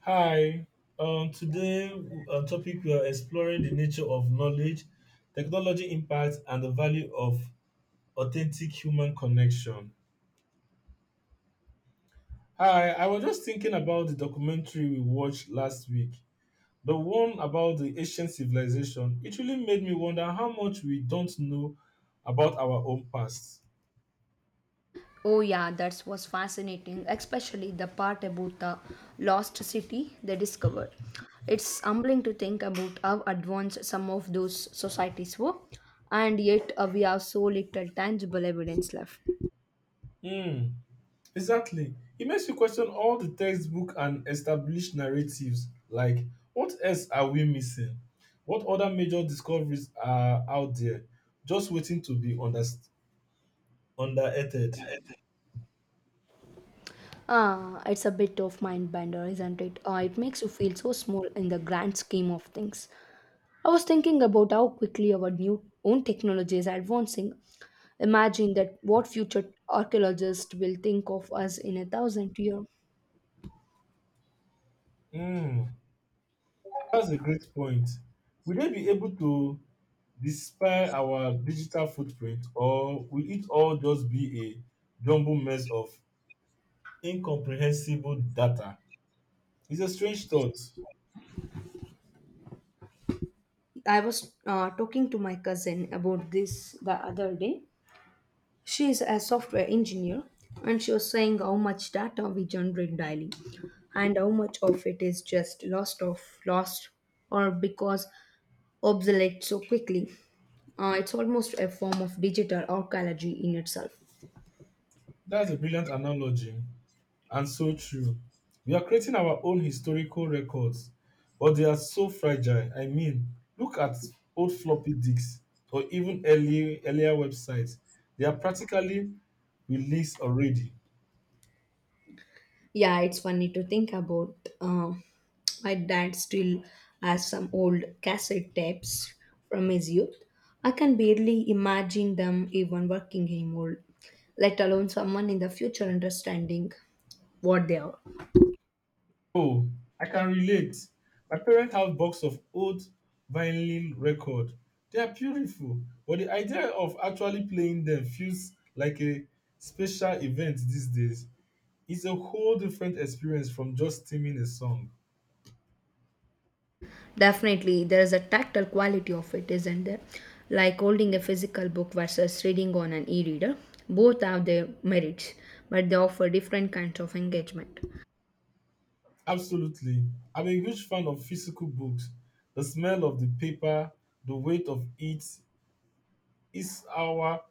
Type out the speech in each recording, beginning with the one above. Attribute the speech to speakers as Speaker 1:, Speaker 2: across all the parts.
Speaker 1: Hi. Today, our topic we are exploring the nature of knowledge, technology impact, and the value of authentic human connection. Hi. I was just thinking about the documentary we watched last week, the one about the ancient civilization. It really made me wonder how much we don't know about our own past.
Speaker 2: Oh yeah, that was fascinating, especially the part about the lost city they discovered. It's humbling to think about how advanced some of those societies were, and yet we have so little tangible evidence left.
Speaker 1: Hmm. Exactly. It makes you question all the textbook and established narratives like what else are we missing? What other major discoveries are out there just waiting to be underrated?
Speaker 2: Ah, it's a bit of mind bender, isn't it? It makes you feel so small in the grand scheme of things. I was thinking about how quickly our new own technology is advancing. Imagine that what future archaeologists will think of us in 1,000 years.
Speaker 1: Hmm, that's a great point. Will they be able to despite our digital footprint or will it all just be a jumbled mess of incomprehensible data? It's a strange thought.
Speaker 2: I was talking to my cousin about this the other day. She is a software engineer, and she was saying how much data we generate daily, and how much of it is just lost of lost or because obsolete so quickly. It's almost a form of digital archaeology in itself.
Speaker 1: That's a brilliant analogy. And so true. We are creating our own historical records, but they are so fragile. I mean, look at old floppy disks or even early, earlier websites. They are practically released already.
Speaker 2: Yeah, it's funny to think about my dad still has some old cassette tapes from his youth. I can barely imagine them even working anymore, let alone someone in the future understanding what they are.
Speaker 1: Oh, I can relate. My parents have box of old vinyl record. They are beautiful, but the idea of actually playing them feels like a special event these days. It's a whole different experience from just streaming a song.
Speaker 2: Definitely, there is a tactile quality of it, isn't there? Like holding a physical book versus reading on an e reader. Both have their merits, but they offer different kinds of engagement.
Speaker 1: Absolutely. I'm a huge fan of physical books. The smell of the paper, the weight of it is our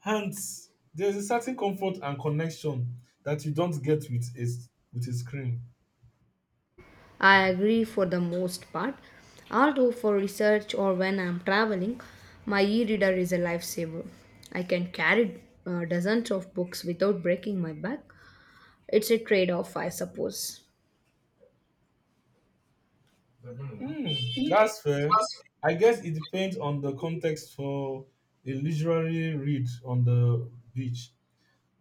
Speaker 1: hands. There's a certain comfort and connection that you don't get with a, with a screen.
Speaker 2: I agree for the most part. Although for research or when I'm traveling, my e-reader is a lifesaver. I can carry dozens of books without breaking my back. It's a trade-off, I suppose.
Speaker 1: Hmm, that's fair. I guess it depends on the context for a literary read on the beach.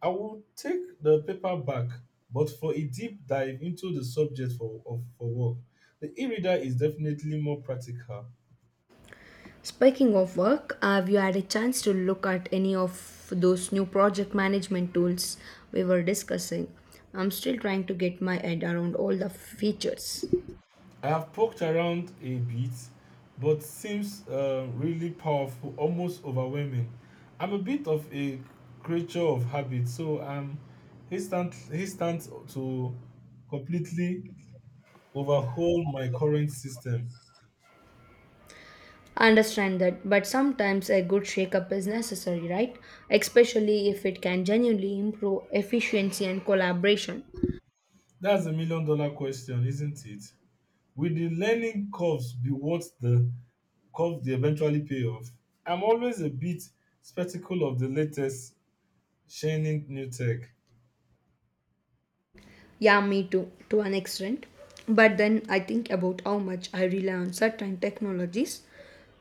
Speaker 1: I will take the paperback, but for a deep dive into the subject for work, the e-reader is definitely more practical.
Speaker 2: Speaking of work, have you had a chance to look at any of those new project management tools we were discussing? I'm still trying to get my head around all the features.
Speaker 1: I have poked around a bit, but seems really powerful, almost overwhelming. I'm a bit of a creature of habit, so I'm instant to completely overhaul my current system.
Speaker 2: I understand that, but sometimes a good shakeup is necessary, right? Especially if it can genuinely improve efficiency and collaboration.
Speaker 1: That's a million dollar question, isn't it? Will the learning curves be worth the curve they eventually pay off? I'm always a bit skeptical of the latest shining new tech.
Speaker 2: Yeah, me too, to an extent. But then I think about how much I rely on certain technologies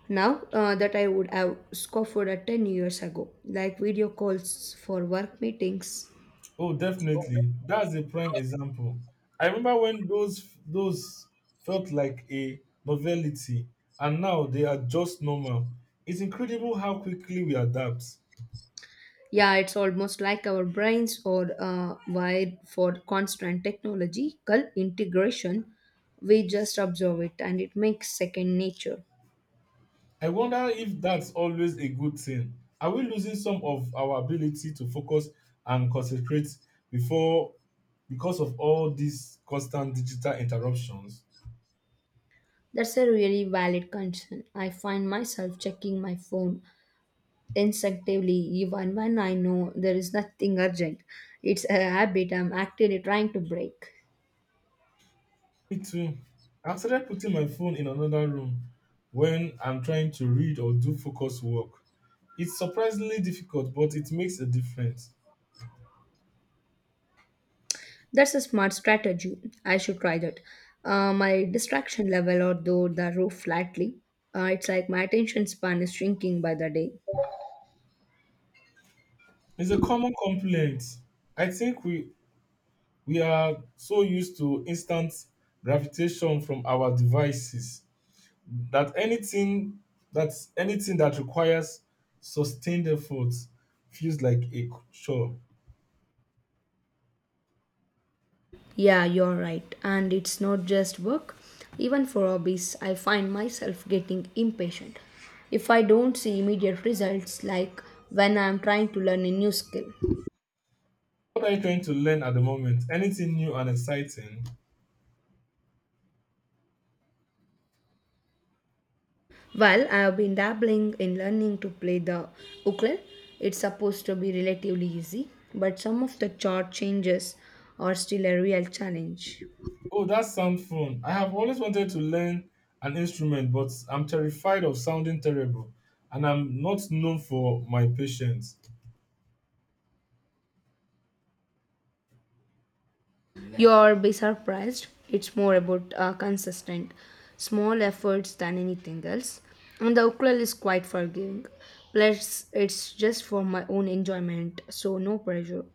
Speaker 2: now that I would have scoffed at 10 years ago, like video calls for work meetings.
Speaker 1: Oh, definitely. That's a prime example. I remember when those felt like a novelty, and now they are just normal. It's incredible how quickly we adapt.
Speaker 2: Yeah, it's almost like our brains are wired for constant technological integration. We just observe it and it makes second nature.
Speaker 1: I wonder if that's always a good thing. Are we losing some of our ability to focus and concentrate before because of all these constant digital interruptions?
Speaker 2: That's a really valid concern. I find myself checking my phone instinctively even when I know there is nothing urgent. It's a habit I'm actively trying to break.
Speaker 1: Me too. I've started putting my phone in another room when I'm trying to read or do focus work. It's surprisingly difficult, but it makes a difference.
Speaker 2: That's a smart strategy. I should try that. My distraction level or though the roof flatly. It's like my attention span is shrinking by the day.
Speaker 1: It's a common complaint. I think we are so used to instant gravitation from our devices that anything that requires sustained effort feels like a chore.
Speaker 2: Yeah, you're right. And it's not just work. Even for hobbies, I find myself getting impatient if I don't see immediate results, like when I'm trying to learn a new skill.
Speaker 1: What are you trying to learn at the moment? Anything new and exciting?
Speaker 2: Well, I have been dabbling in learning to play the ukulele. It's supposed to be relatively easy, but some of the chord changes are still a real challenge.
Speaker 1: Oh, that sounds fun. I have always wanted to learn an instrument, but I'm terrified of sounding terrible, and I'm not known for my patience.
Speaker 2: You'll be surprised. It's more about consistent, small efforts than anything else. And the ukulele is quite forgiving. Plus, it's just for my own enjoyment, so no pressure.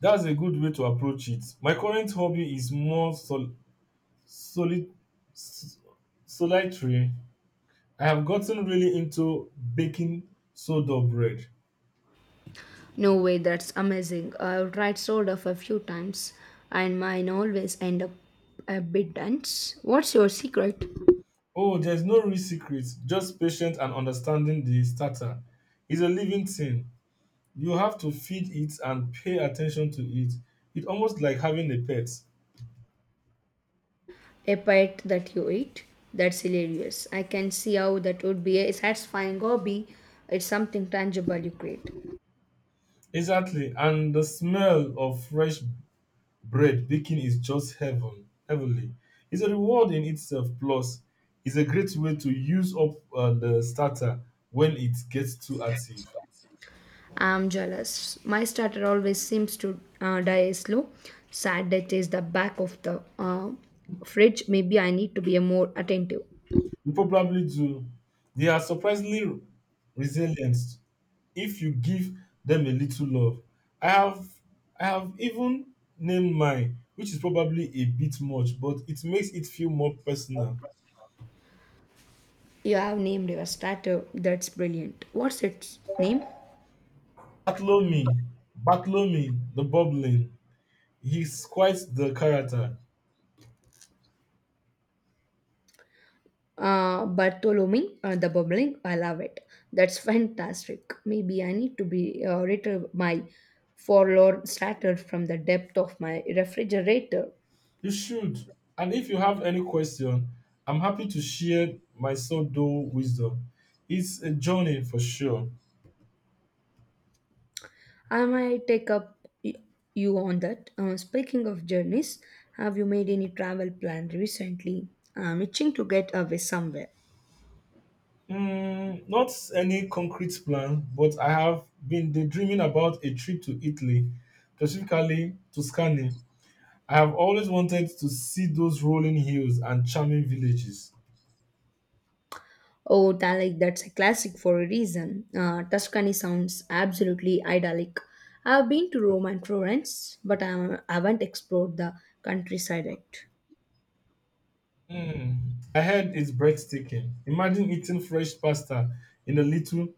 Speaker 1: That's a good way to approach it. My current hobby is more solid, s- solitary. I have gotten really into baking soda bread.
Speaker 2: No way, that's amazing. I've tried sort of a few times, and mine always end up a bit dense. What's your secret?
Speaker 1: Oh, there's no real secret, just patience and understanding the starter. It's a living thing. You have to feed it and pay attention to it. It's almost like having a pet.
Speaker 2: A pet that you eat? That's hilarious. I can see how that would be a satisfying hobby. It's something tangible you create.
Speaker 1: Exactly. And the smell of fresh bread baking is just heavenly. It's a reward in itself. Plus, it's a great way to use up the starter when it gets too active.
Speaker 2: I'm jealous. My starter always seems to die slow. Sad death is the back of the fridge. Maybe I need to be a more attentive.
Speaker 1: You probably do. They are surprisingly resilient if you give them a little love. I have I have even named mine, which is probably a bit much, but it makes it feel more personal.
Speaker 2: You have named your starter. That's brilliant. What's its name?
Speaker 1: Bartolome, Bartolome, the bubbling. He's quite the character.
Speaker 2: Bartholomew, the bubbling. I love it. That's fantastic. Maybe I need to be retrieve my forlorn starter from the depth of my refrigerator.
Speaker 1: You should. And if you have any question, I'm happy to share my sourdough wisdom. It's a journey for sure.
Speaker 2: I might take up y- you on that. Speaking of journeys, have you made any travel plan recently? I'm itching to get away somewhere.
Speaker 1: Mm, not any concrete plan, but I have been daydreaming about a trip to Italy, specifically Tuscany. I have always wanted to see those rolling hills and charming villages.
Speaker 2: Oh, Dalek, that's a classic for a reason. Tuscany sounds absolutely idyllic. I've been to Rome and Florence, but I haven't explored the countryside yet.
Speaker 1: Mm. I heard it's breathtaking. Imagine eating fresh pasta in a little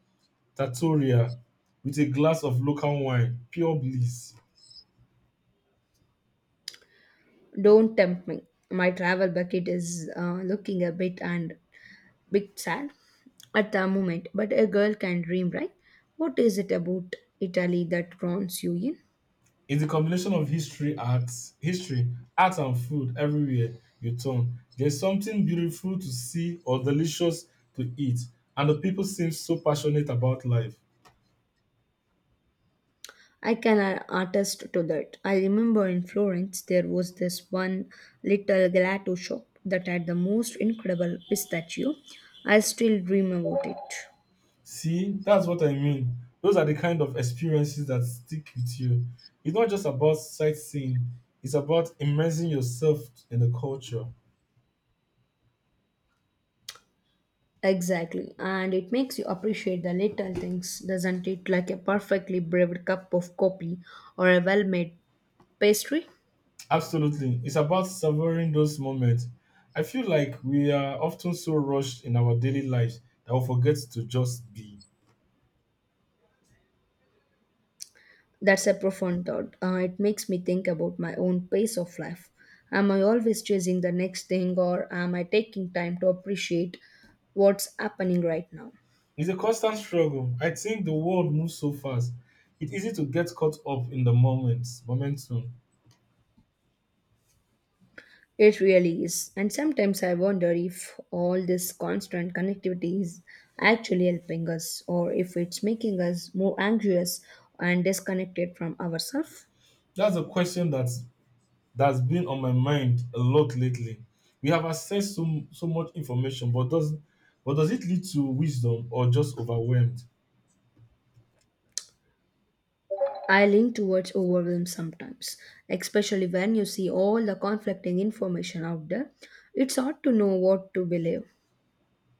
Speaker 1: trattoria with a glass of local wine. Pure bliss.
Speaker 2: Don't tempt me. My travel bucket is looking a bit sad at the moment, but a girl can dream, right? What is it about Italy that draws you in?
Speaker 1: It's a combination of history, art and food everywhere you turn. There's something beautiful to see or delicious to eat, and the people seem so passionate about life.
Speaker 2: I can attest to that. I remember in Florence there was this one little gelato shop that had the most incredible pistachio. I still dream about it.
Speaker 1: See, that's what I mean. Those are the kind of experiences that stick with you. It's not just about sightseeing, it's about immersing yourself in the culture.
Speaker 2: Exactly, and it makes you appreciate the little things, doesn't it? Like a perfectly brewed cup of coffee or a well made pastry.
Speaker 1: Absolutely. It's about savoring those moments. I feel like we are often so rushed in our daily lives that we forget to just be.
Speaker 2: That's a profound thought. It makes me think about my own pace of life. Am I always chasing the next thing, or am I taking time to appreciate what's happening right now?
Speaker 1: It's a constant struggle. I think the world moves so fast. It's easy to get caught up in the momentum.
Speaker 2: It really is. And sometimes I wonder if all this constant connectivity is actually helping us, or if it's making us more anxious and disconnected from ourselves.
Speaker 1: That's a question that's been on my mind a lot lately. We have accessed so much information, but does it lead to wisdom or just overwhelmed?
Speaker 2: I lean towards overwhelm sometimes, especially when you see all the conflicting information out there. It's hard to know what to believe.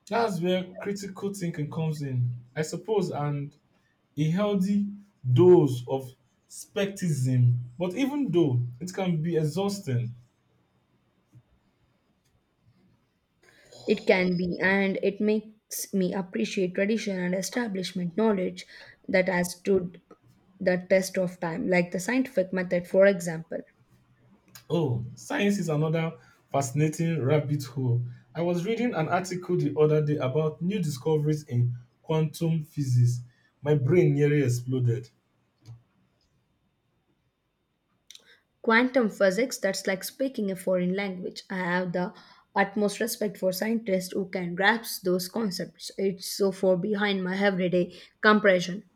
Speaker 1: That's where critical thinking comes in, I suppose, and a healthy dose of skepticism. But even though it can be exhausting.
Speaker 2: It can be, and it makes me appreciate tradition and establishment knowledge that has stood the test of time, like the scientific method, for example.
Speaker 1: Oh, science is another fascinating rabbit hole. I was reading an article the other day about new discoveries in quantum physics. My brain nearly exploded.
Speaker 2: Quantum physics, that's like speaking a foreign language. I have the utmost respect for scientists who can grasp those concepts. It's so far behind my everyday comprehension.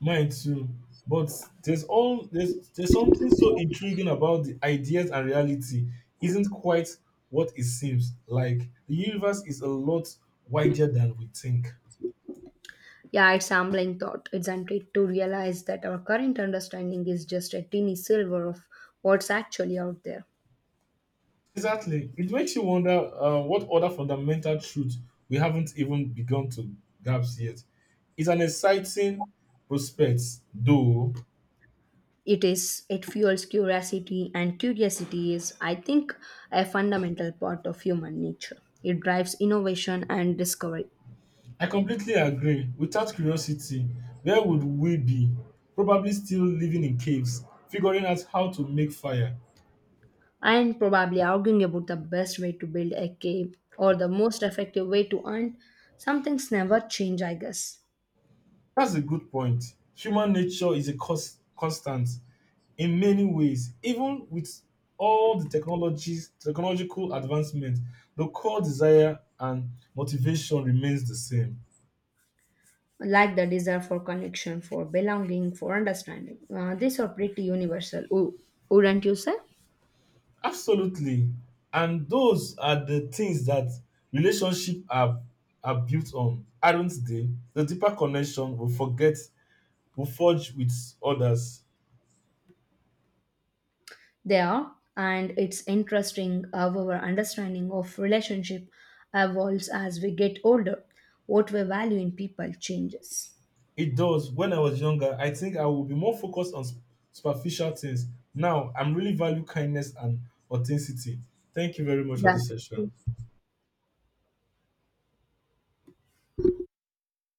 Speaker 1: Mine too. But there's all there's something so intriguing about the ideas and reality isn't quite what it seems like. The universe is a lot wider than we think.
Speaker 2: Yeah, it's humbling thought, isn't it, to realize that our current understanding is just a tiny silver of what's actually out there.
Speaker 1: Exactly. It makes you wonder what other fundamental truths we haven't even begun to grasp yet. It's an exciting prospect, though.
Speaker 2: It is, it fuels curiosity, and curiosity is, I think, a fundamental part of human nature. It drives innovation and discovery.
Speaker 1: I completely agree. Without curiosity, where would we be? Probably still living in caves, figuring out how to make fire.
Speaker 2: And probably arguing about the best way to build a cave or the most effective way to earn some things never change, I guess.
Speaker 1: That's a good point. Human nature is a constant in many ways. Even with all the technological advancement, the core desire and motivation remains the same.
Speaker 2: Like the desire for connection, for belonging, for understanding. These are pretty universal, wouldn't you say?
Speaker 1: Absolutely. And those are the things that relationship are built on, aren't they? The deeper connection we forge with others.
Speaker 2: They are, and it's interesting how our understanding of relationship evolves as we get older. What we value in people changes.
Speaker 1: It does. When I was younger, I think I would be more focused on superficial things. Now, I'm really value kindness and authenticity. Thank you very much for
Speaker 2: Yeah.
Speaker 1: this session.